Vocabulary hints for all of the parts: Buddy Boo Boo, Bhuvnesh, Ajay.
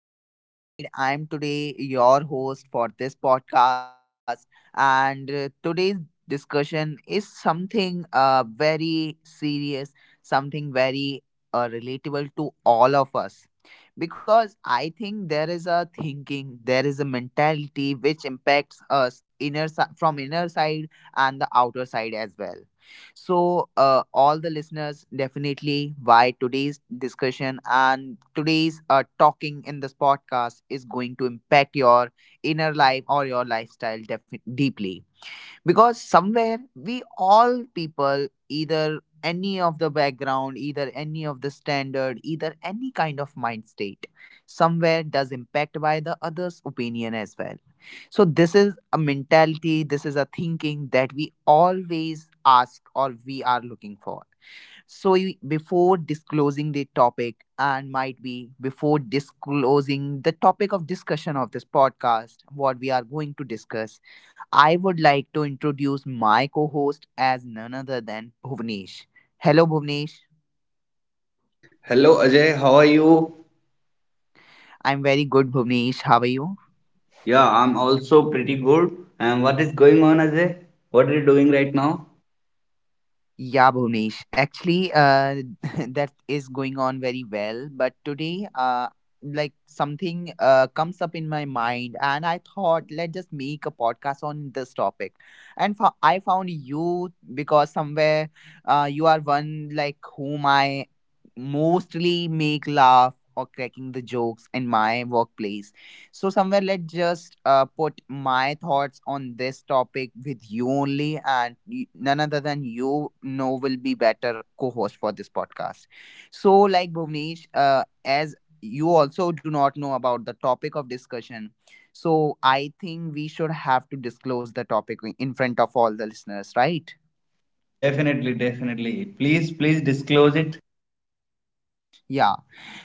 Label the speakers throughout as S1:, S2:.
S1: Ajay this side. I'm today your host for this podcast, and today's discussion is something very serious, something very relatable to all of us. Because I think there is a thinking, there is a mentality which impacts us from inner side and the outer side as well, so, all the listeners, definitely why today's discussion and today's talking in this podcast is going to impact your inner life or your lifestyle deeply, because somewhere we all people, either any of the background, either any of the standard, either any kind of mind state, somewhere does impact by the others opinion as well. So this is a mentality, this is a thinking that we always ask or we are looking for. So before disclosing the topic, and might be before disclosing the topic of discussion of this podcast, what we are going to discuss, I would like to introduce my co-host as none other than Bhuvnesh. Hello, Bhuvnesh.
S2: Hello Ajay, how are you?
S1: I'm very good, Bhuvnesh. How are you?
S2: Yeah, I'm also pretty good. And what is going on, Ajay? What are you doing right now?
S1: Yeah, Bhuvnesh. Actually, that is going on very well. But today, like something comes up in my mind, and I thought, let's just make a podcast on this topic. And I found you because somewhere you are one like whom I mostly make laugh or cracking the jokes in my workplace. So, somewhere, let's just put my thoughts on this topic with you only, and none other than you know will be better co-host for this podcast. So, like Bhuvnesh, as you also do not know about the topic of discussion, so I think we should have to disclose the topic in front of all the listeners, right?
S2: Definitely, definitely. Please, please disclose it.
S1: Yeah.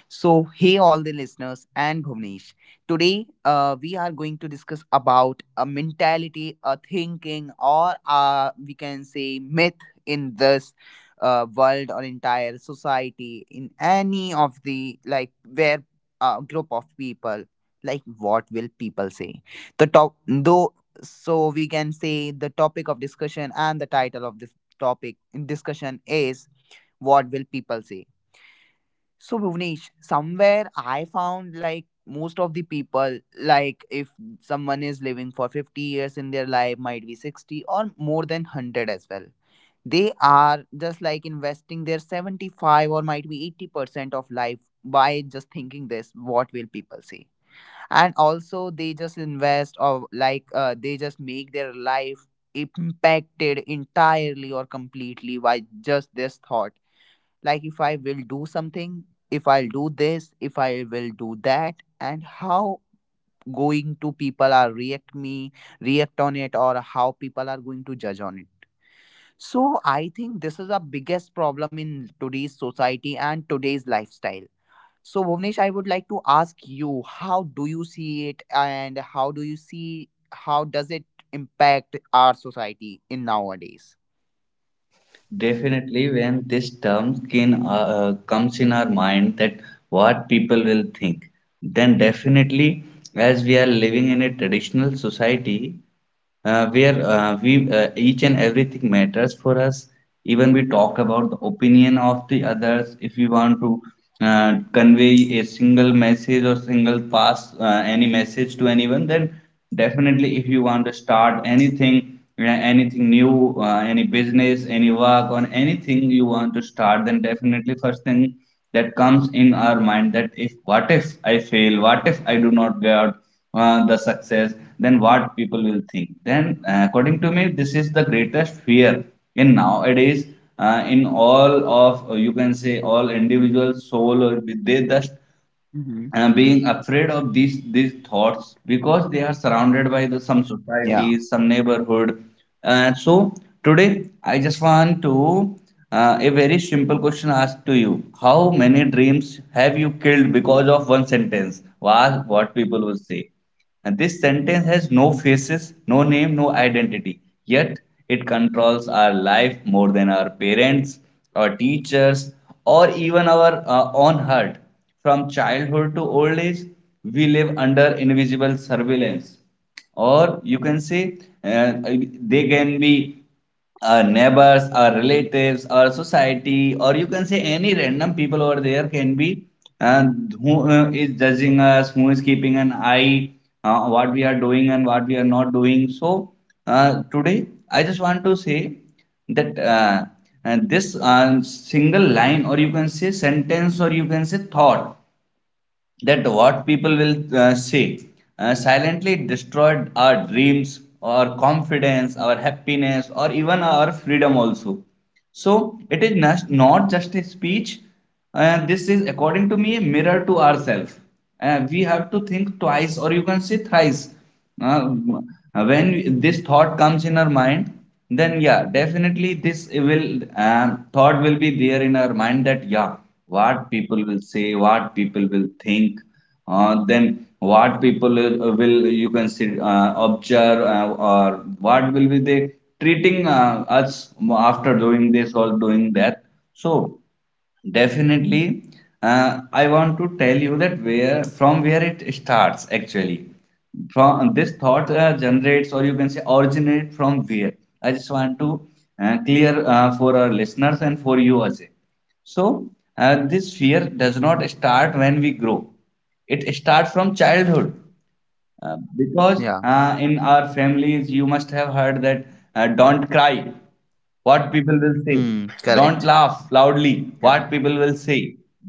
S1: So, hey, all the listeners and Bhuvnesh. Today, we are going to discuss about a mentality, a thinking, or we can say myth in this world or entire society, in any of the like where a group of people, like what will people say? The top, though, so we can say the topic of discussion and the title of this topic in discussion is what will people say. So, Bhuvnesh, somewhere I found like most of the people, like if someone is living for 50 years in their life, might be 60 or more than 100 as well. They are just like investing their 75 or might be 80% of life by just thinking this, what will people say? And also, they just invest or like they just make their life impacted entirely or completely by just this thought, like if I will do something, if I'll do this, if I will do that, and how going to people are react me, react on it, or how people are going to judge on it. So I think this is a biggest problem in today's society and today's lifestyle. So Bhuvnesh, I would like to ask you, how do you see it, and how do you see how does it impact our society in nowadays?
S2: Definitely, when this term comes in our mind that what people will think, then definitely, as we are living in a traditional society, where we each and everything matters for us, even we talk about the opinion of the others. If we want to convey a single message or single pass any message to anyone, then definitely if you want to start anything anything new, any business, any work, on anything you want to start, then definitely first thing that comes in our mind, that if what if I fail, what if I do not get the success, then what people will think. Then, according to me, this is the greatest fear in nowadays. In all of you can say all individuals, soul, or they just
S1: Hmm.
S2: being afraid of these thoughts because they are surrounded by the some
S1: Yeah.
S2: societies, some neighborhood. So today, I just want to a very simple question asked to you: how many dreams have you killed because of one sentence? Was what people will say? And this sentence has no faces, no name, no identity. Yet it controls our life more than our parents, our teachers, or even our own heart. From childhood to old age, we live under invisible surveillance, or you can say uh, they can be our neighbors, our relatives, our society, or you can say any random people over there can be, and who is judging us, who is keeping an eye, what we are doing and what we are not doing. So today, I just want to say that and this single line, or you can say sentence, or you can say thought, that what people will say silently destroyed our dreams, our confidence, our happiness, or even our freedom also. So it is not just a speech. And this is, according to me, a mirror to ourselves. We have to think twice, or you can say thrice. Uh, when this thought comes in our mind, then yeah, definitely this will thought will be there in our mind, that yeah, what people will say, what people will think, then what people will, you can see observe or what will be they treating us after doing this or doing that. So definitely. I want to tell you that where, from where it starts actually. From this thought generates, or you can say originate from where. I just want to clear for our listeners and for you as well. So this fear does not start when we grow. It starts from childhood. Uh, because
S1: Yeah.
S2: uh, in our families you must have heard that don't cry, what people will say;
S1: Hmm.
S2: don't
S1: Correct.
S2: laugh loudly,
S1: Yeah.
S2: what people will say;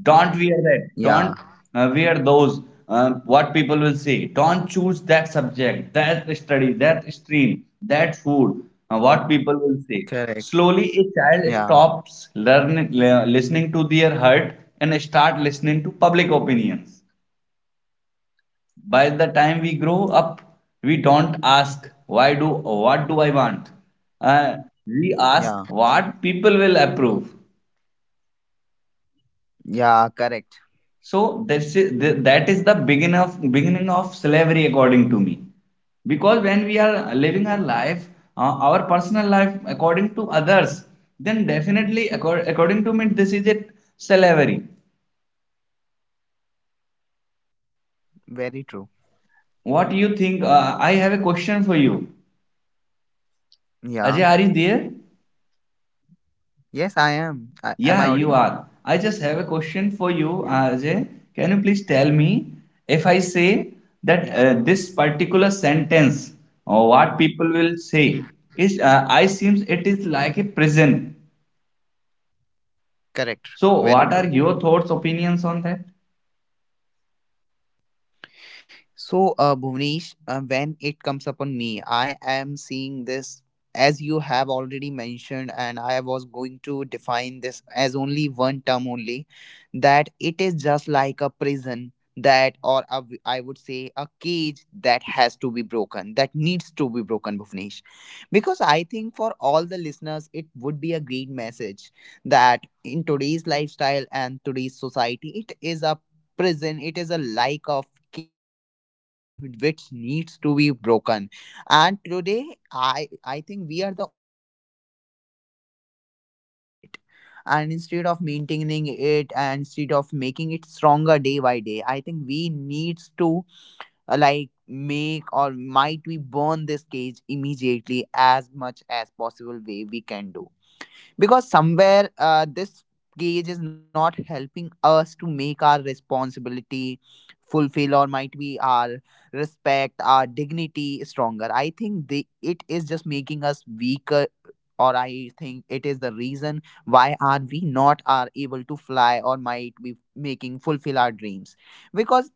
S2: don't wear that, don't
S1: Yeah.
S2: uh, wear those, what people will say; don't choose that subject, that study, that stream, that food, what people will say.
S1: Correct.
S2: Slowly a child
S1: Yeah.
S2: stops learning, listening to their heart, and start listening to public opinions. By the time we grow up, we don't ask why do, what do I want. Uh, we ask
S1: Yeah.
S2: what people will approve.
S1: Yeah. Correct.
S2: So that's it- that is the beginning of slavery, according to me, because when we are living our life, our personal life according to others, then definitely, according to me, this is a slavery.
S1: Very true.
S2: What you think? Uh, I have a question for you. Ajay,
S1: Yeah.
S2: are you there?
S1: Yes, I am. I,
S2: Yeah,
S1: am I
S2: you
S1: audible?
S2: are. I just have a question for you,
S1: Yeah.
S2: Ajay. Can you please tell me, if I say that
S1: Yeah.
S2: this particular sentence, or what people will say,
S1: Mm.
S2: is I seems it is like a prison.
S1: Correct.
S2: So
S1: Very
S2: what are
S1: true.
S2: your thoughts, opinions on that?
S1: So, Bhuvnesh, when it comes upon me, I am seeing this, as you have already mentioned, and I was going to define this as only one term only, that it is just like a prison, that, or a, I would say, a cage that has to be broken, that needs to be broken, Bhuvnesh. Because I think for all the listeners, it would be a great message that in today's lifestyle and today's society, it is a prison, it is a like of cage which needs to be broken, and today I think we are the only one who are the responsibility for maintaining it, and instead of maintaining it and instead of making it stronger day by day, I think we needs to like make or might we burn this cage immediately as much as possible way we can do, because somewhere this gauge is not helping us to make our responsibility fulfill or might be our respect, our dignity stronger. I think they it is just making us weaker, or I think it is the reason why are we not are able to fly or might be making fulfill our dreams. Because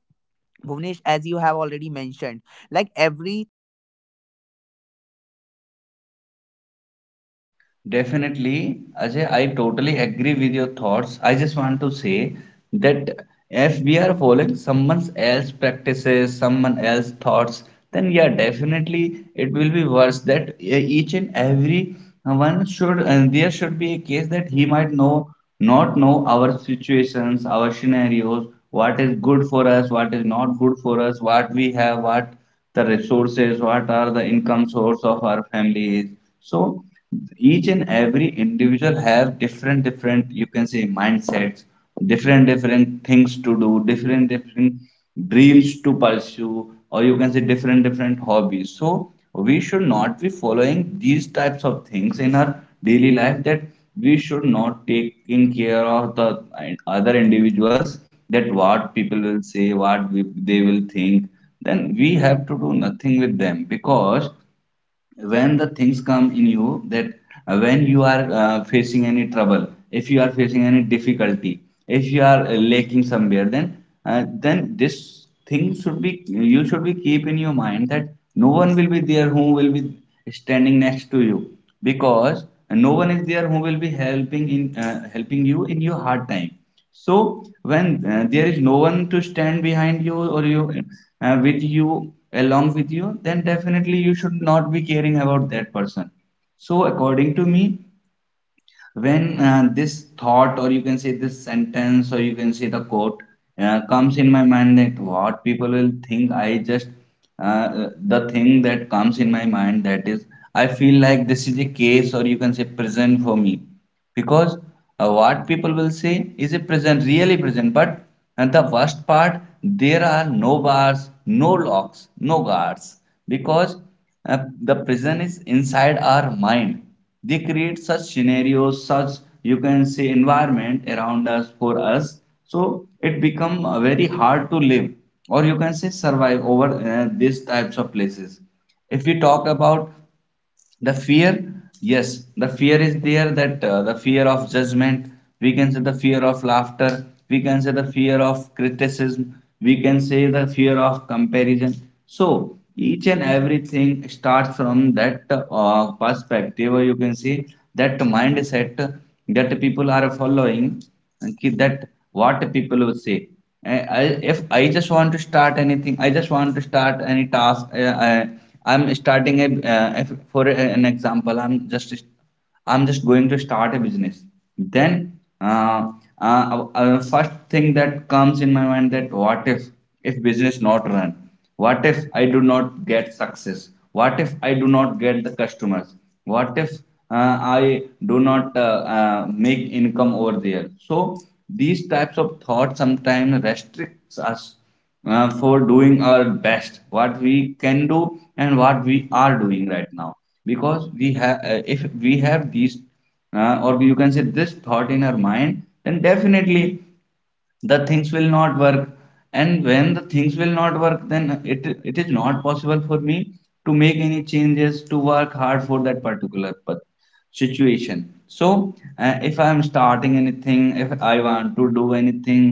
S1: Bhuvnesh, as you have already mentioned, like everything, you have given an example of family. So I also think the
S2: Definitely,
S1: same
S2: Ajay,
S1: scenario,
S2: I
S1: Bhuvnesh.
S2: totally agree
S1: When
S2: with
S1: it
S2: your
S1: comes
S2: thoughts. I
S1: upon,
S2: just
S1: I
S2: want
S1: would
S2: to
S1: say
S2: say that
S1: anything,
S2: if we
S1: either
S2: are following
S1: anything
S2: someone
S1: bad
S2: else
S1: in society
S2: practices,
S1: or might
S2: someone
S1: be
S2: else
S1: anything
S2: thoughts,
S1: bad
S2: then yeah,
S1: ritual,
S2: definitely
S1: tradition
S2: it
S1: in
S2: will be worse.
S1: society.
S2: That yeah,
S1: It comes
S2: each and
S1: up from a
S2: every
S1: family only.
S2: one should,
S1: It
S2: and
S1: comes
S2: there
S1: up
S2: should be
S1: your
S2: a case
S1: from
S2: that he might know,
S1: first
S2: not
S1: step,
S2: know
S1: that is
S2: our
S1: family, that
S2: situations,
S1: is
S2: our
S1: your first
S2: scenarios, what is
S1: surrounding
S2: good for
S1: when
S2: us,
S1: it
S2: what is
S1: comes upon.
S2: not good for
S1: So
S2: us,
S1: I
S2: what
S1: think
S2: we
S1: each and
S2: have,
S1: every
S2: what
S1: fear,
S2: the
S1: each and every
S2: resources,
S1: thought,
S2: what
S1: each
S2: are
S1: and
S2: the
S1: every
S2: income
S1: ritual,
S2: source
S1: each
S2: of
S1: and
S2: our
S1: every
S2: families.
S1: tradition is
S2: So
S1: comes up from
S2: each
S1: your
S2: and
S1: family
S2: every
S1: itself.
S2: individual have
S1: So I
S2: different
S1: think what
S2: different, you
S1: will
S2: can say,
S1: people say,
S2: mindsets,
S1: it comes
S2: different
S1: from your
S2: different things
S1: parents,
S2: to do,
S1: it comes
S2: different
S1: from your
S2: different
S1: surrounding, it comes
S2: dreams to
S1: from your family
S2: pursue, or
S1: only.
S2: you can say
S1: So I
S2: different
S1: think
S2: different
S1: each and every
S2: hobbies. So
S1: family, hey
S2: we
S1: all the
S2: should not
S1: listeners,
S2: be
S1: why Vonish
S2: following these types of
S1: mentioned the
S2: things in our
S1: message and
S2: daily
S1: that
S2: life,
S1: I
S2: that
S1: am
S2: we
S1: mentioning right
S2: should
S1: now,
S2: not taking
S1: kindly,
S2: care of
S1: kindly,
S2: the
S1: kindly be
S2: other
S1: focused on your
S2: individuals,
S1: family.
S2: that
S1: And if
S2: what
S1: you
S2: people
S1: are a
S2: will say,
S1: family
S2: what
S1: guys,
S2: we, they will
S1: please, please,
S2: think,
S1: please
S2: then we
S1: do
S2: have
S1: not
S2: to do
S1: teach
S2: nothing
S1: your
S2: with them,
S1: children as
S2: because
S1: like they
S2: when the
S1: are
S2: things
S1: and
S2: come
S1: they
S2: in
S1: should
S2: you, that
S1: have to look for
S2: when you
S1: someone
S2: are
S1: else, they should
S2: facing
S1: have
S2: any
S1: to
S2: trouble, if you
S1: think
S2: are
S1: about
S2: facing any
S1: someone else in
S2: difficulty,
S1: the
S2: if
S1: society,
S2: you
S1: like
S2: are
S1: what
S2: lacking
S1: society
S2: somewhere,
S1: will say. I think
S2: then
S1: this
S2: this
S1: is the
S2: thing
S1: one
S2: should be,
S1: biggest
S2: you should be
S1: reason
S2: keep in your
S1: and the
S2: mind, that
S1: barrier
S2: no
S1: between
S2: one
S1: a
S2: will be
S1: child
S2: there who
S1: and the
S2: will be
S1: parents at the same
S2: standing
S1: time.
S2: next to you,
S1: Because
S2: because
S1: Bhuvnesh, when
S2: no one is there
S1: I
S2: who will
S1: think
S2: be helping in
S1: people should
S2: helping
S1: have to
S2: you in
S1: focus
S2: your
S1: on
S2: hard
S1: their
S2: time.
S1: inner
S2: So
S1: personal lives
S2: when
S1: and
S2: there
S1: their
S2: is no
S1: personal
S2: one to
S1: family
S2: stand
S1: till
S2: behind you, or you
S1: only. Because
S2: with
S1: when it
S2: you,
S1: comes upon
S2: along with
S1: society, if
S2: you,
S1: you
S2: then
S1: are
S2: definitely
S1: fulfilling
S2: you
S1: their
S2: should not be caring
S1: responsibilities,
S2: about that
S1: their
S2: person.
S1: ritual, it's
S2: So
S1: till
S2: according to
S1: then it is
S2: me,
S1: fine, but when it
S2: when
S1: comes upon
S2: this
S1: your own
S2: thought, or you
S1: dignity,
S2: can say
S1: own
S2: this
S1: respect,
S2: sentence, or you can
S1: own
S2: say the
S1: wishes,
S2: quote,
S1: own
S2: comes in
S1: independence,
S2: my
S1: I
S2: mind that
S1: think that
S2: what people
S1: it
S2: will
S1: becomes
S2: think,
S1: a
S2: I just
S1: cage. And
S2: the thing
S1: yeah,
S2: that
S1: Bhuvnesh.
S2: comes in my
S1: As
S2: mind,
S1: if
S2: that
S1: I
S2: is, I
S1: see
S2: feel like this
S1: this,
S2: is a
S1: like, what
S2: case, or
S1: will
S2: you can say
S1: people say?
S2: prison
S1: It
S2: for
S1: is
S2: me,
S1: kind of for me.
S2: because
S1: I would say,
S2: what people will say is
S1: I
S2: a
S1: will
S2: prison,
S1: see this.
S2: really
S1: It is
S2: prison,
S1: a
S2: but
S1: kind of a
S2: and the worst
S1: invisible
S2: part, there
S1: jury
S2: are
S1: or
S2: no bars,
S1: invisible
S2: no
S1: judgment
S2: locks,
S1: kind
S2: no
S1: of
S2: guards,
S1: perspective
S2: because
S1: or aspect in my
S2: the
S1: life.
S2: prison is
S1: When it
S2: inside
S1: comes
S2: our
S1: upon
S2: mind. They
S1: like
S2: create such
S1: cage, or
S2: scenarios,
S1: when it
S2: such,
S1: comes upon
S2: you
S1: an
S2: can say,
S1: invisible jury
S2: environment
S1: that
S2: around
S1: I am
S2: us, for
S1: having in
S2: us.
S1: my life,
S2: So
S1: I
S2: it
S1: think this
S2: become
S1: is
S2: very
S1: in each
S2: hard to
S1: and
S2: live,
S1: every
S2: or you
S1: person's
S2: can
S1: in
S2: say
S1: life,
S2: survive over
S1: whoever think
S2: these
S1: like
S2: types
S1: what
S2: of
S1: people,
S2: places.
S1: what will
S2: If we
S1: people
S2: talk
S1: say.
S2: about
S1: So I think
S2: the
S1: instead of
S2: fear,
S1: like
S2: yes, the
S1: making
S2: fear
S1: that
S2: is there,
S1: jury
S2: that
S1: I
S2: the
S1: would
S2: fear of
S1: say
S2: judgment, we can say
S1: happy,
S2: the
S1: or
S2: fear of
S1: making that
S2: laughter,
S1: jury
S2: we can say the fear
S1: satisfied,
S2: of
S1: just be
S2: criticism,
S1: think
S2: we
S1: about
S2: can say the
S1: yourself
S2: fear
S1: only.
S2: of
S1: Just be
S2: comparison.
S1: think how
S2: So
S1: you are going to
S2: each
S1: be
S2: and
S1: happy
S2: everything
S1: instead of
S2: starts from
S1: mm,
S2: that
S1: like mm, I think
S2: perspective, or you
S1: we
S2: can say
S1: are
S2: that
S1: not the one
S2: mindset,
S1: who can
S2: that
S1: please
S2: people are
S1: everyone.
S2: following,
S1: We should have
S2: that
S1: to keep
S2: what
S1: that
S2: people will
S1: one
S2: say.
S1: thing or one line
S2: If
S1: in
S2: I
S1: our
S2: just want to
S1: mind, that
S2: start
S1: we
S2: anything, I
S1: can
S2: just
S1: never,
S2: want to
S1: never,
S2: start any
S1: never
S2: task. I,
S1: please
S2: I'm
S1: each and
S2: starting a
S1: everyone in
S2: if,
S1: this
S2: for
S1: world.
S2: an
S1: So I
S2: example.
S1: think we should have to focus on
S2: I'm
S1: our
S2: just
S1: own
S2: going to start a
S1: happinesses.
S2: business.
S1: So I
S2: Then
S1: think this is from my side, Bhuvnesh,
S2: first
S1: on
S2: thing
S1: this, like,
S2: that comes in my mind, that
S1: I
S2: what
S1: think
S2: if
S1: this is a
S2: if
S1: damn
S2: business
S1: shit
S2: not
S1: and
S2: run?
S1: this is a
S2: What
S1: bullshit
S2: if I
S1: that
S2: do not
S1: we
S2: get
S1: are thinking
S2: success?
S1: about what
S2: What if I
S1: will
S2: do
S1: people
S2: not
S1: say.
S2: get the customers?
S1: So
S2: What if
S1: this is from my side.
S2: I do not make income over there? So these types of
S1: So,
S2: thoughts sometimes
S1: I would like to
S2: restricts
S1: ask
S2: us
S1: you, Bhuvnesh, if
S2: for
S1: you are
S2: doing our
S1: there,
S2: best, what
S1: and
S2: we
S1: like,
S2: can
S1: is
S2: do
S1: there
S2: and
S1: any
S2: what we
S1: specific
S2: are doing right
S1: scenario
S2: now.
S1: in your
S2: Because
S1: family,
S2: we
S1: might
S2: have,
S1: be, or
S2: if
S1: in
S2: we
S1: your
S2: have these,
S1: personal zone,
S2: or
S1: that
S2: you can
S1: you
S2: say
S1: have
S2: this
S1: heard or
S2: thought in
S1: might be
S2: our
S1: you
S2: mind,
S1: have
S2: then
S1: seen, like
S2: definitely
S1: when it is
S2: the things will
S1: applying
S2: not
S1: and
S2: work,
S1: someone is
S2: and
S1: applying
S2: when
S1: on
S2: the
S1: their
S2: things will
S1: life?
S2: not work, then
S1: That
S2: it
S1: what
S2: it
S1: will
S2: is not
S1: people say
S2: possible for
S1: and
S2: me
S1: it has been
S2: to make
S1: destroyed
S2: any
S1: their personal
S2: changes,
S1: life,
S2: to
S1: or might
S2: work
S1: be it
S2: hard
S1: is,
S2: for that
S1: if it
S2: particular
S1: is your own incident, you can
S2: situation.
S1: also share
S2: So
S1: with our
S2: if
S1: listeners.
S2: I am starting anything, if I want to do anything,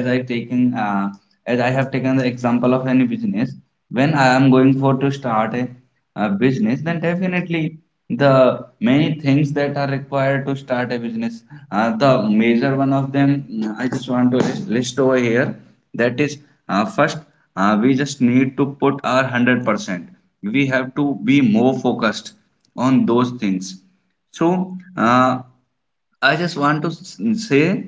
S2: as i taking
S1: Are you
S2: uh,
S1: there,
S2: as I
S1: Bhuvnesh?
S2: have taken the example of any business, when I am going for to start
S1: Okay, so
S2: a
S1: guys,
S2: business,
S1: I
S2: then
S1: think Bhuvnesh
S2: definitely
S1: are,
S2: the many things that are
S1: and
S2: required
S1: I
S2: to
S1: will
S2: start a
S1: be
S2: business.
S1: continuing this
S2: The
S1: podcast
S2: major one
S1: and
S2: of
S1: by
S2: them, I
S1: continuing
S2: just
S1: this
S2: want to
S1: topic
S2: list
S1: by
S2: over
S1: my
S2: here.
S1: own.
S2: That is
S1: So I
S2: first,
S1: think
S2: we just need
S1: I
S2: to
S1: am
S2: put
S1: going
S2: our
S1: to
S2: one hundred
S1: share my
S2: percent.
S1: personal
S2: We have to be
S1: experience
S2: more
S1: with
S2: focused
S1: you all the
S2: on those
S1: listeners
S2: things.
S1: over there.
S2: So
S1: When it comes
S2: uh,
S1: upon like
S2: I just
S1: what will
S2: want to
S1: people say?
S2: say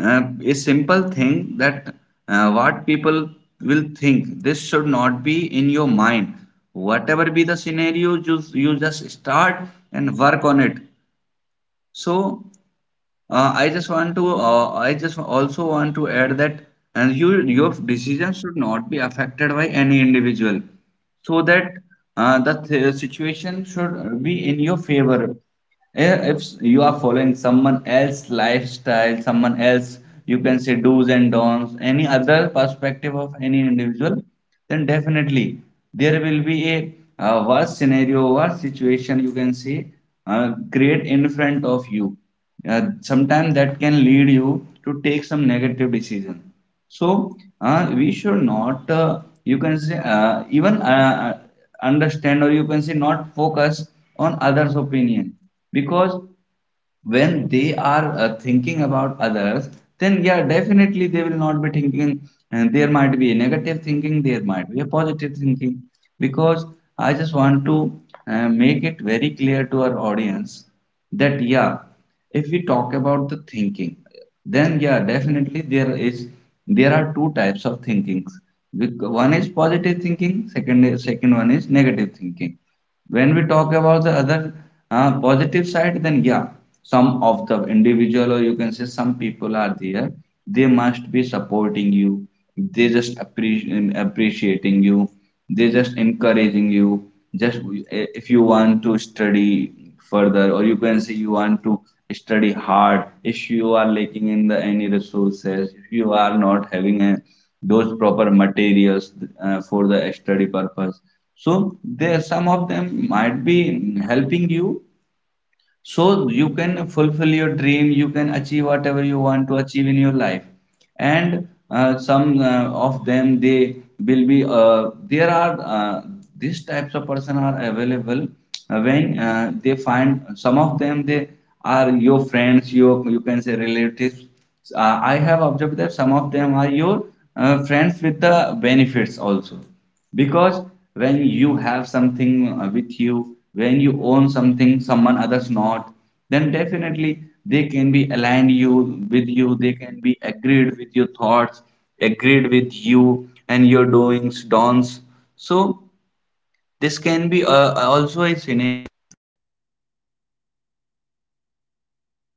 S1: I
S2: a
S1: think
S2: simple
S1: uh,
S2: thing, that
S1: you should not
S2: what
S1: never
S2: people
S1: or you should
S2: will
S1: never
S2: think, this
S1: think
S2: should
S1: about what
S2: not
S1: will
S2: be in
S1: people
S2: your
S1: say
S2: mind.
S1: because all
S2: Whatever
S1: the
S2: be the
S1: listeners
S2: scenario,
S1: it would be a
S2: you
S1: great
S2: just
S1: message for
S2: start
S1: you if
S2: and
S1: I
S2: work
S1: talk
S2: on it.
S1: about talk about my me
S2: So
S1: personally I never
S2: I
S1: think
S2: just want
S1: what will
S2: to,
S1: people say
S2: I just
S1: even
S2: also want
S1: my
S2: to add that,
S1: family are
S2: and
S1: the
S2: you,
S1: biggest
S2: your
S1: support or
S2: decision should
S1: the
S2: not be
S1: biggest
S2: affected by any
S1: reason
S2: individual,
S1: that today
S2: so
S1: I'm
S2: that
S1: the like one
S2: the
S1: who never think
S2: situation
S1: about
S2: should
S1: society who
S2: be in
S1: never
S2: your
S1: think
S2: favor.
S1: about the
S2: Eh,
S1: other
S2: If
S1: one
S2: you
S1: what
S2: are following
S1: will they
S2: someone
S1: say.
S2: else's
S1: so
S2: lifestyle,
S1: uh,
S2: someone
S1: I
S2: else,
S1: think this
S2: you can
S1: can
S2: say
S1: be the
S2: do's and
S1: reason
S2: don'ts,
S1: as
S2: any
S1: like
S2: other
S1: we can
S2: perspective of
S1: say
S2: any individual, then
S1: this can
S2: definitely
S1: be the
S2: there
S1: reason
S2: will
S1: that
S2: be a,
S1: today I am
S2: worse scenario,
S1: my
S2: worse
S1: family
S2: situation you
S1: being
S2: can say
S1: very
S2: create in
S1: protective,
S2: front
S1: my
S2: of you
S1: family being very
S2: sometimes that
S1: supportive,
S2: can
S1: my
S2: lead you to
S1: family
S2: take some
S1: taught
S2: negative
S1: me
S2: decision.
S1: as like or might
S2: So
S1: be made
S2: we
S1: me
S2: should not
S1: like very
S2: you
S1: bold
S2: can
S1: in
S2: say
S1: this
S2: even
S1: scenario that
S2: understand or you
S1: I
S2: can say
S1: am the
S2: not
S1: one who
S2: focus
S1: can rule
S2: on
S1: all
S2: others
S1: over the
S2: opinion,
S1: society.
S2: because
S1: I don't need to
S2: when
S1: be
S2: they are thinking about
S1: following
S2: others,
S1: other
S2: then
S1: one's
S2: yeah, definitely they
S1: perspective.
S2: will
S1: I
S2: not be
S1: don't
S2: thinking,
S1: need to
S2: and there might be a
S1: I would
S2: negative
S1: say
S2: thinking, there might be a
S1: I don't
S2: positive
S1: need
S2: thinking.
S1: to like
S2: Because
S1: think about
S2: I just
S1: what
S2: want to
S1: the people are
S2: make it
S1: making
S2: very
S1: rules
S2: clear to
S1: and
S2: our
S1: I should
S2: audience
S1: have to follow the
S2: that
S1: same.
S2: yeah,
S1: I will
S2: if we
S1: not
S2: talk
S1: following
S2: about the
S1: all this
S2: thinking,
S1: these things
S2: then
S1: and
S2: yeah,
S1: I'm not the
S2: definitely
S1: one
S2: there
S1: who
S2: is,
S1: will be
S2: there are
S1: following
S2: two types
S1: those
S2: of
S1: things.
S2: thinkings. One
S1: So
S2: is
S1: this
S2: positive
S1: is
S2: thinking,
S1: from my
S2: second
S1: side
S2: second
S1: that
S2: one is
S1: I
S2: negative
S1: think
S2: thinking.
S1: we
S2: When we talk
S1: never
S2: about the
S1: we
S2: other
S1: never ever should
S2: positive
S1: have to
S2: side, then
S1: make
S2: yeah,
S1: the things
S2: some
S1: up
S2: of the
S1: when it
S2: individual, or
S1: comes
S2: you can
S1: upon
S2: say some
S1: us. I
S2: people are
S1: think
S2: there,
S1: we
S2: they
S1: should
S2: must
S1: have
S2: be
S1: to think
S2: supporting
S1: about
S2: you,
S1: own
S2: they just
S1: happiness,
S2: appreciate
S1: and I think that
S2: appreciating you,
S1: I have
S2: they
S1: mentioned
S2: just
S1: earlier, guys,
S2: encouraging you,
S1: the
S2: just
S1: cage
S2: if you
S1: that we
S2: want to
S1: are
S2: study
S1: making day by day
S2: further, or you
S1: stronger.
S2: can say you
S1: Like,
S2: want to
S1: what will people
S2: study
S1: say?
S2: hard, if
S1: It
S2: you are
S1: is a
S2: lacking
S1: kind
S2: in
S1: of
S2: the any
S1: disease, it is a
S2: resources,
S1: kind
S2: if
S1: of
S2: you are
S1: cage,
S2: not
S1: it is
S2: having
S1: a
S2: a,
S1: kind of
S2: those
S1: prison
S2: proper
S1: that we should
S2: materials
S1: have to
S2: for
S1: get
S2: the
S1: out of.
S2: study purpose,
S1: I
S2: so
S1: think
S2: there
S1: this
S2: some
S1: is
S2: of
S1: a
S2: them
S1: disease
S2: might
S1: that
S2: be
S1: we can
S2: helping
S1: only,
S2: you,
S1: only, only
S2: so you can fulfill
S1: heal
S2: your
S1: up
S2: dream, you can
S1: ourselves
S2: achieve
S1: by
S2: whatever
S1: just
S2: you want
S1: taking
S2: to
S1: the
S2: achieve in your
S1: medicine
S2: life.
S1: of bravery,
S2: And
S1: why just
S2: some
S1: take the
S2: of
S1: medicine
S2: them,
S1: of
S2: they
S1: self-love,
S2: will be,
S1: why the
S2: there
S1: taking
S2: are,
S1: the medicine
S2: these types
S1: of
S2: of person are
S1: just
S2: available
S1: open
S2: uh,
S1: mind,
S2: when uh, they find,
S1: because
S2: some of them,
S1: it
S2: they
S1: is
S2: are
S1: always
S2: your
S1: comes
S2: friends,
S1: from the
S2: your, you can
S1: lower
S2: say relatives.
S1: mentality
S2: I have
S1: or
S2: observed that
S1: the
S2: some of them are your
S1: worrying about other one's
S2: friends with the
S1: opinion, worrying
S2: benefits
S1: about
S2: also,
S1: I would say
S2: because
S1: others one
S2: when you have
S1: perspective like what
S2: something
S1: other
S2: with
S1: one
S2: you,
S1: say.
S2: when
S1: I
S2: you
S1: think
S2: own something,
S1: you are
S2: someone
S1: not the
S2: others
S1: one
S2: not,
S1: who can
S2: then
S1: please everyone,
S2: definitely
S1: right? As
S2: they
S1: I have
S2: can be aligned
S1: mentioned
S2: you
S1: earlier,
S2: with you,
S1: you are
S2: they
S1: not
S2: can
S1: the
S2: be
S1: one
S2: agreed
S1: who
S2: with your
S1: should
S2: thoughts,
S1: have to think about
S2: agreed with
S1: others all
S2: you
S1: the
S2: and
S1: time.
S2: your doings dons.
S1: So
S2: So
S1: why you need to
S2: this
S1: make
S2: can
S1: everyone
S2: be
S1: happy?
S2: also
S1: Why
S2: a
S1: you
S2: synergy
S1: are the one always needs to be get done everything perfect?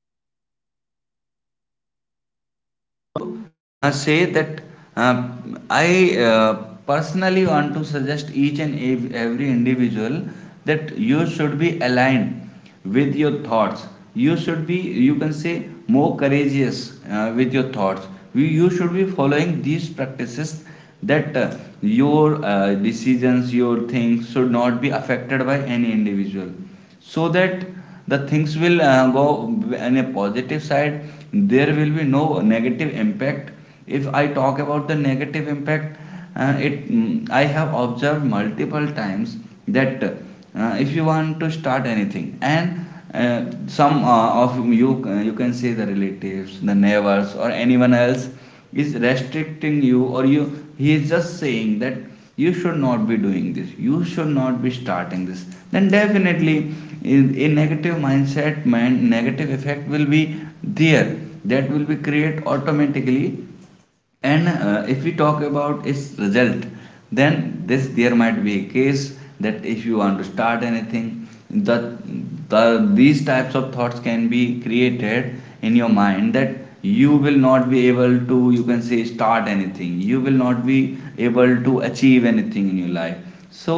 S1: You are not like the one or you are not the only responsible in
S2: say that,
S1: entire
S2: uh,
S1: society or
S2: I
S1: among the
S2: uh,
S1: people of
S2: personally
S1: I
S2: want to
S1: would say
S2: suggest each and
S1: thousand or lakhs
S2: every individual
S1: who
S2: that
S1: are the
S2: you should be
S1: responsible of
S2: aligned
S1: society's principle,
S2: with your
S1: who are
S2: thoughts.
S1: the only
S2: You
S1: one
S2: should be,
S1: responsible
S2: you
S1: for
S2: can
S1: the
S2: say,
S1: society.
S2: more courageous with your
S1: So
S2: thoughts.
S1: I
S2: You,
S1: think
S2: you should be
S1: we can
S2: following
S1: do
S2: these
S1: one thing.
S2: practices that
S1: Instead of following
S2: your
S1: all those things,
S2: decisions, your
S1: instead
S2: things
S1: of
S2: should not be
S1: fulfilling them,
S2: affected by any
S1: I think
S2: individual,
S1: we can do
S2: so
S1: one
S2: that
S1: thing:
S2: the
S1: just
S2: things will go
S1: talk about
S2: in a
S1: yourself,
S2: positive side,
S1: think about
S2: there will be
S1: yourself,
S2: no negative
S1: make
S2: impact.
S1: your
S2: If I
S1: freedom
S2: talk about the
S1: stronger,
S2: negative impact,
S1: make yourself
S2: it
S1: stronger
S2: I have observed
S1: by, as I
S2: multiple
S1: have already
S2: times
S1: mentioned,
S2: that
S1: by
S2: if you
S1: taking
S2: want to
S1: medicine of
S2: start anything,
S1: bravery,
S2: and
S1: by taking
S2: uh,
S1: support
S2: some
S1: of your
S2: of
S1: family,
S2: you, you can
S1: and
S2: say the
S1: by taking
S2: relatives, the
S1: we can
S2: neighbors or
S1: say
S2: anyone else
S1: the
S2: is
S1: scenario,
S2: restricting
S1: I
S2: you,
S1: would
S2: or you,
S1: say
S2: he is just saying that you
S1: like
S2: should
S1: support your
S2: not be doing this,
S1: friends as
S2: you
S1: well.
S2: should not be starting this,
S1: Yeah,
S2: then definitely
S1: until
S2: in a
S1: the
S2: negative
S1: other ones
S2: mindset
S1: and the
S2: mind, negative
S1: society and
S2: effect
S1: the
S2: will
S1: what
S2: be
S1: will people say,
S2: there,
S1: if
S2: that will
S1: these
S2: be
S1: people
S2: create
S1: are not from
S2: automatically.
S1: your family,
S2: And
S1: if
S2: if we
S1: these
S2: talk
S1: people
S2: about
S1: are
S2: its
S1: not from
S2: result,
S1: your
S2: then
S1: friends,
S2: this there might be a
S1: don't think
S2: case
S1: about what
S2: that
S1: people
S2: if you
S1: say,
S2: want to start anything,
S1: because I think
S2: the these
S1: if
S2: types of thoughts
S1: you
S2: can
S1: will
S2: be
S1: think like
S2: created
S1: what will
S2: in your
S1: people say,
S2: mind,
S1: then
S2: that
S1: what people
S2: you
S1: will
S2: will
S1: think.
S2: not be able
S1: This
S2: to,
S1: is the
S2: you can say
S1: job, this
S2: start
S1: is the
S2: anything,
S1: work of
S2: you will
S1: people,
S2: not be
S1: not
S2: able
S1: yours.
S2: to achieve
S1: That
S2: anything in
S1: what
S2: your
S1: will
S2: life.
S1: people say.
S2: So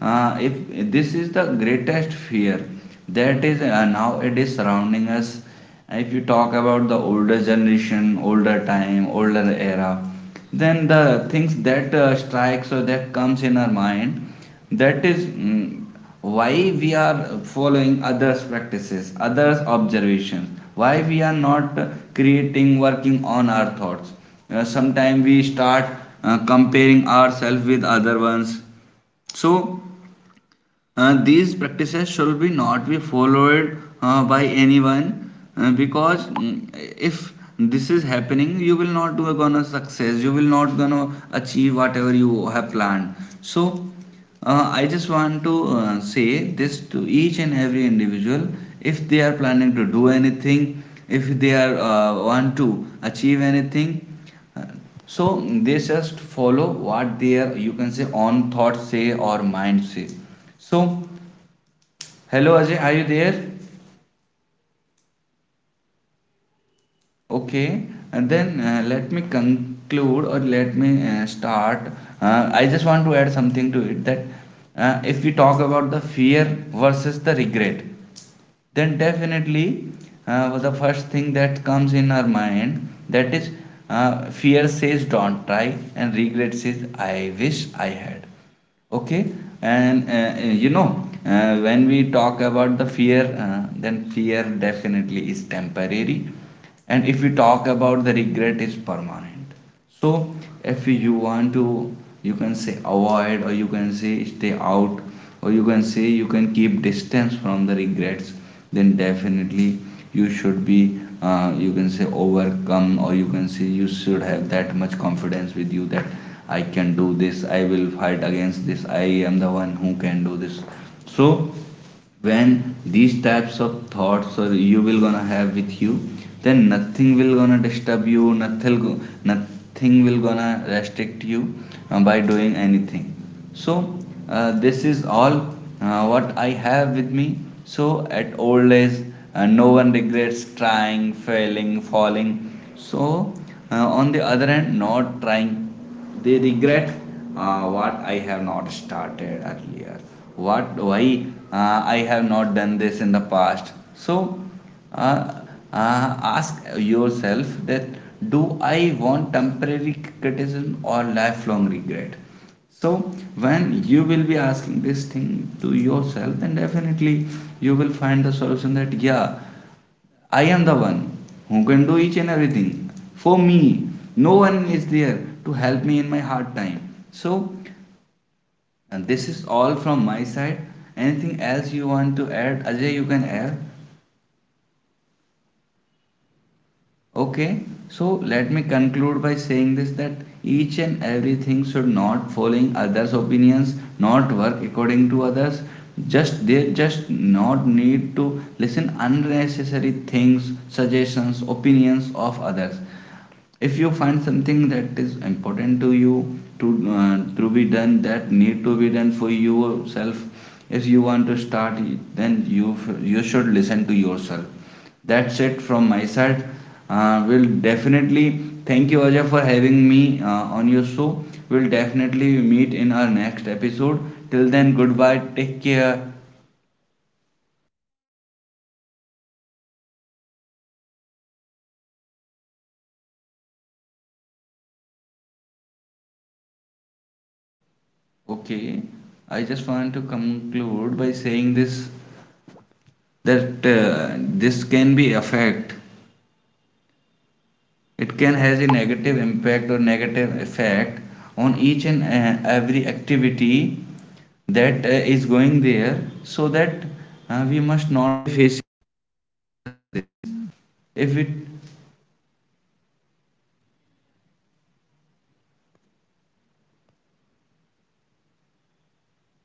S1: So
S2: if
S1: I think
S2: this is the
S1: from my
S2: greatest
S1: side
S2: fear,
S1: that
S2: that
S1: it
S2: is
S1: can be
S2: now
S1: a
S2: it
S1: biggest
S2: is
S1: message
S2: surrounding
S1: for
S2: us.
S1: all you
S2: If you
S1: listeners
S2: talk about the older
S1: that
S2: generation,
S1: like
S2: older time,
S1: I
S2: older
S1: think thinking
S2: era,
S1: about people,
S2: then the
S1: thinking
S2: things
S1: about
S2: that
S1: society,
S2: strikes or
S1: thinking
S2: that comes
S1: about
S2: in our
S1: any
S2: mind,
S1: group of
S2: that is
S1: people when they are
S2: why
S1: judging
S2: we
S1: on
S2: are
S1: you, they
S2: following
S1: are
S2: others'
S1: when they are
S2: practices, others'
S1: making
S2: observations,
S1: an
S2: why we are not
S1: judgment making a
S2: creating,
S1: judgment
S2: working
S1: on
S2: on
S1: you
S2: our
S1: of
S2: thoughts.
S1: any of the
S2: Sometimes
S1: action
S2: we
S1: of
S2: start
S1: yours,
S2: comparing
S1: you
S2: ourselves with
S1: don't
S2: other
S1: need to
S2: ones.
S1: improve on yourself,
S2: So
S1: because as the
S2: these
S1: place
S2: practices
S1: where
S2: should be
S1: you
S2: not
S1: are,
S2: be
S1: you are
S2: followed
S1: perfect,
S2: by
S1: you
S2: anyone
S1: are the best,
S2: because
S1: you are the
S2: if
S1: one
S2: this is
S1: who can
S2: happening,
S1: never
S2: you
S1: be
S2: will not
S1: judged
S2: do a
S1: by
S2: gonna
S1: someone else.
S2: success, you will not gonna achieve whatever you have
S1: Just
S2: planned.
S1: place
S2: So
S1: yourself on the place
S2: I just
S1: where
S2: want to
S1: you are being
S2: say
S1: judged
S2: this
S1: by the
S2: to
S1: right
S2: each and
S1: person,
S2: every
S1: or might
S2: individual,
S1: be
S2: if they are
S1: whose
S2: planning to
S1: judgment
S2: do
S1: can be
S2: anything,
S1: impact you,
S2: if they are
S1: but not
S2: want to achieve
S1: everyone's
S2: anything,
S1: judgment should
S2: uh,
S1: have to be
S2: so they
S1: impacted you.
S2: just follow what
S1: So
S2: their you
S1: I
S2: can say
S1: think this
S2: on
S1: is
S2: thoughts
S1: the
S2: say or
S1: reason,
S2: mind
S1: and
S2: say.
S1: this can
S2: So,
S1: be the reason I would say
S2: hello Ajay, are you
S1: the
S2: there?
S1: best one that we need to follow in our daily practices,
S2: Okay,
S1: listeners.
S2: and then let
S1: And
S2: me
S1: I think
S2: conclude, or
S1: all of
S2: let me
S1: my
S2: start.
S1: messages, all
S2: I
S1: of
S2: just
S1: the
S2: want to add
S1: things
S2: something to
S1: that
S2: it,
S1: I
S2: that
S1: have mentioned in
S2: if we talk
S1: This
S2: about the fear
S1: podcast,
S2: versus the
S1: or might
S2: regret,
S1: be Bhuvnesh
S2: then
S1: has been also
S2: definitely
S1: mentioned the
S2: well, the
S1: same
S2: first
S1: thing
S2: thing that comes in
S1: earlier
S2: our
S1: in this
S2: mind,
S1: podcast
S2: that is
S1: while he's
S2: fear
S1: not
S2: says
S1: here
S2: don't try, and
S1: in
S2: regret
S1: this
S2: says
S1: podcast
S2: I
S1: right
S2: wish I
S1: now.
S2: had.
S1: But
S2: Okay,
S1: I think
S2: and you
S1: as
S2: know
S1: like he has been
S2: when we
S1: mentioned
S2: talk about the
S1: and me,
S2: fear,
S1: it
S2: then
S1: is
S2: fear
S1: just like a
S2: definitely is
S1: invisible
S2: temporary,
S1: jury or
S2: and if we
S1: invisible
S2: talk about the
S1: case or
S2: regret is
S1: invisible
S2: permanent.
S1: prison that
S2: So
S1: we are
S2: if you want
S1: always
S2: to,
S1: following
S2: you
S1: up.
S2: can say avoid, or you can
S1: We
S2: say
S1: are
S2: stay out,
S1: following
S2: or you
S1: our
S2: can say
S1: bad
S2: you can keep
S1: practice, we are
S2: distance from the
S1: following a
S2: regrets.
S1: very wrong
S2: Then
S1: activity or
S2: definitely
S1: a wrong
S2: you should
S1: practice
S2: be,
S1: in our life
S2: you can say
S1: that what will
S2: overcome,
S1: people
S2: or
S1: say.
S2: you can say you should
S1: Instead
S2: have
S1: of
S2: that much
S1: following that,
S2: confidence with you that
S1: instead of
S2: I
S1: doing that,
S2: can do this. I
S1: just
S2: will fight
S1: make
S2: against this. I am the
S1: everyone
S2: one
S1: or
S2: who
S1: make
S2: can do this.
S1: your close
S2: So
S1: one, make your
S2: when
S1: family,
S2: these
S1: make
S2: types
S1: your
S2: of
S1: friends
S2: thoughts or
S1: proud.
S2: you will gonna have
S1: M-
S2: with you,
S1: think about
S2: then nothing
S1: themselves.
S2: will gonna
S1: Yeah,
S2: disturb you,
S1: if you are
S2: nothing,
S1: following their
S2: nothing
S1: things,
S2: will gonna
S1: then until it
S2: restrict
S1: is
S2: you
S1: fine, as I
S2: by
S1: have
S2: doing
S1: already
S2: anything.
S1: mentioned, you should
S2: So
S1: have to be
S2: this is all
S1: focused. Like,
S2: what I
S1: if the
S2: have
S1: term
S2: with me.
S1: is what
S2: So
S1: will people
S2: at
S1: say, then
S2: old age,
S1: who these
S2: no
S1: people
S2: one
S1: are?
S2: regrets trying,
S1: Have you
S2: failing,
S1: ever seen
S2: falling.
S1: those people?
S2: So uh, on
S1: Because
S2: the other
S1: as I
S2: hand,
S1: have
S2: not trying,
S1: mentioned in
S2: they
S1: this
S2: regret,
S1: earlier phase of this
S2: what I have
S1: podcast,
S2: not
S1: like
S2: started
S1: if
S2: earlier,
S1: the person is
S2: what,
S1: living for
S2: why I
S1: 60%
S2: have
S1: or
S2: not done
S1: might be
S2: this in the
S1: 60 years,
S2: past.
S1: 70
S2: So,
S1: years, 100, more than
S2: uh,
S1: 100 years of
S2: uh,
S1: their life,
S2: ask yourself
S1: they
S2: that
S1: invest
S2: do
S1: their
S2: I
S1: 80%
S2: want
S1: life just by
S2: temporary
S1: thinking about what
S2: criticism or
S1: people say,
S2: lifelong
S1: or
S2: regret.
S1: might be in their
S2: So
S1: entire
S2: when
S1: life
S2: you
S1: they
S2: will be
S1: never
S2: asking
S1: have
S2: this
S1: seen
S2: thing
S1: those
S2: to
S1: people.
S2: yourself, then
S1: Who
S2: definitely
S1: are these
S2: you will
S1: people
S2: find the
S1: then,
S2: solution that yeah,
S1: what will people say?
S2: I am the one who can
S1: So
S2: do each
S1: I
S2: and
S1: think
S2: everything for
S1: thinking
S2: me.
S1: about
S2: No one is
S1: others
S2: there
S1: people
S2: to help
S1: opinion,
S2: me in my hard
S1: thinking about
S2: time.
S1: others
S2: So,
S1: people's perspective,
S2: and this
S1: or
S2: is
S1: thinking
S2: all
S1: about
S2: from my side.
S1: any of the
S2: Anything else you
S1: person
S2: want to
S1: who
S2: add,
S1: are
S2: Ajay, you can
S1: hearing
S2: add.
S1: this podcast, just be this keep line into
S2: Okay,
S1: your
S2: so
S1: mind,
S2: let me
S1: like
S2: conclude by
S1: what will
S2: saying this, that
S1: people say
S2: each and
S1: are
S2: everything should
S1: just a
S2: not
S1: myth,
S2: following others'
S1: nothing
S2: opinions,
S1: else.
S2: not work
S1: You should
S2: according to
S1: have to
S2: others.
S1: focus on yourself,
S2: Just, they just
S1: just
S2: not
S1: think
S2: need
S1: what
S2: to
S1: you will
S2: listen
S1: say, what
S2: unnecessary
S1: your
S2: things,
S1: family will say.
S2: suggestions,
S1: Will they be
S2: opinions of
S1: happy
S2: others.
S1: that you are doing?
S2: If you find
S1: Will
S2: something
S1: they
S2: that
S1: will
S2: is
S1: your friends
S2: important
S1: will
S2: to you,
S1: happy what you are doing?
S2: to be
S1: Or
S2: done,
S1: will
S2: that
S1: you
S2: need to
S1: be
S2: be
S1: own
S2: done for
S1: happy what
S2: yourself,
S1: you are doing?
S2: if you want to
S1: Will
S2: start,
S1: it be
S2: then you
S1: beneficial?
S2: should
S1: Will it
S2: listen to
S1: be harmful
S2: yourself.
S1: for
S2: That's
S1: you
S2: it
S1: itself?
S2: from my side.
S1: If it is,
S2: Uh, we'll
S1: then don't do it.
S2: definitely
S1: And
S2: thank you Ajay
S1: until
S2: for
S1: it's
S2: having
S1: not
S2: me
S1: harming
S2: on
S1: you,
S2: your
S1: your
S2: show.
S1: family,
S2: We'll
S1: or your
S2: definitely
S1: close ones,
S2: meet in
S1: then
S2: our
S1: until
S2: next
S1: it's fine.
S2: episode, till
S1: It
S2: then
S1: doesn't
S2: goodbye,
S1: matter
S2: take
S1: whoever the
S2: care.
S1: third person is, whoever the fourth person is, whoever the group or society is thinking about. They are no one who are needed to be judge you. They are no, no, they are not
S2: Okay,
S1: the one
S2: I just
S1: who are
S2: want to
S1: going to
S2: conclude by
S1: feed you.
S2: saying this,
S1: So why you are hearing them?
S2: that
S1: Just
S2: this
S1: be
S2: can
S1: proud
S2: be
S1: on
S2: affect,
S1: yourself. Whatever do you are doing, whatever you are
S2: it can
S1: making,
S2: has a negative
S1: everything is
S2: impact or
S1: perfect,
S2: negative
S1: everything is
S2: effect
S1: right,
S2: on
S1: and
S2: each
S1: you are
S2: and
S1: the best.
S2: every
S1: Why just
S2: activity
S1: saying this message to
S2: that
S1: all
S2: is
S1: the
S2: going
S1: listeners?
S2: there,
S1: Be
S2: so that
S1: proud in
S2: we must not face,
S1: yourself, listen your inner side. This
S2: if we
S1: is the message that I want to convey, and why this saying I am your host Ajay signing off this podcast.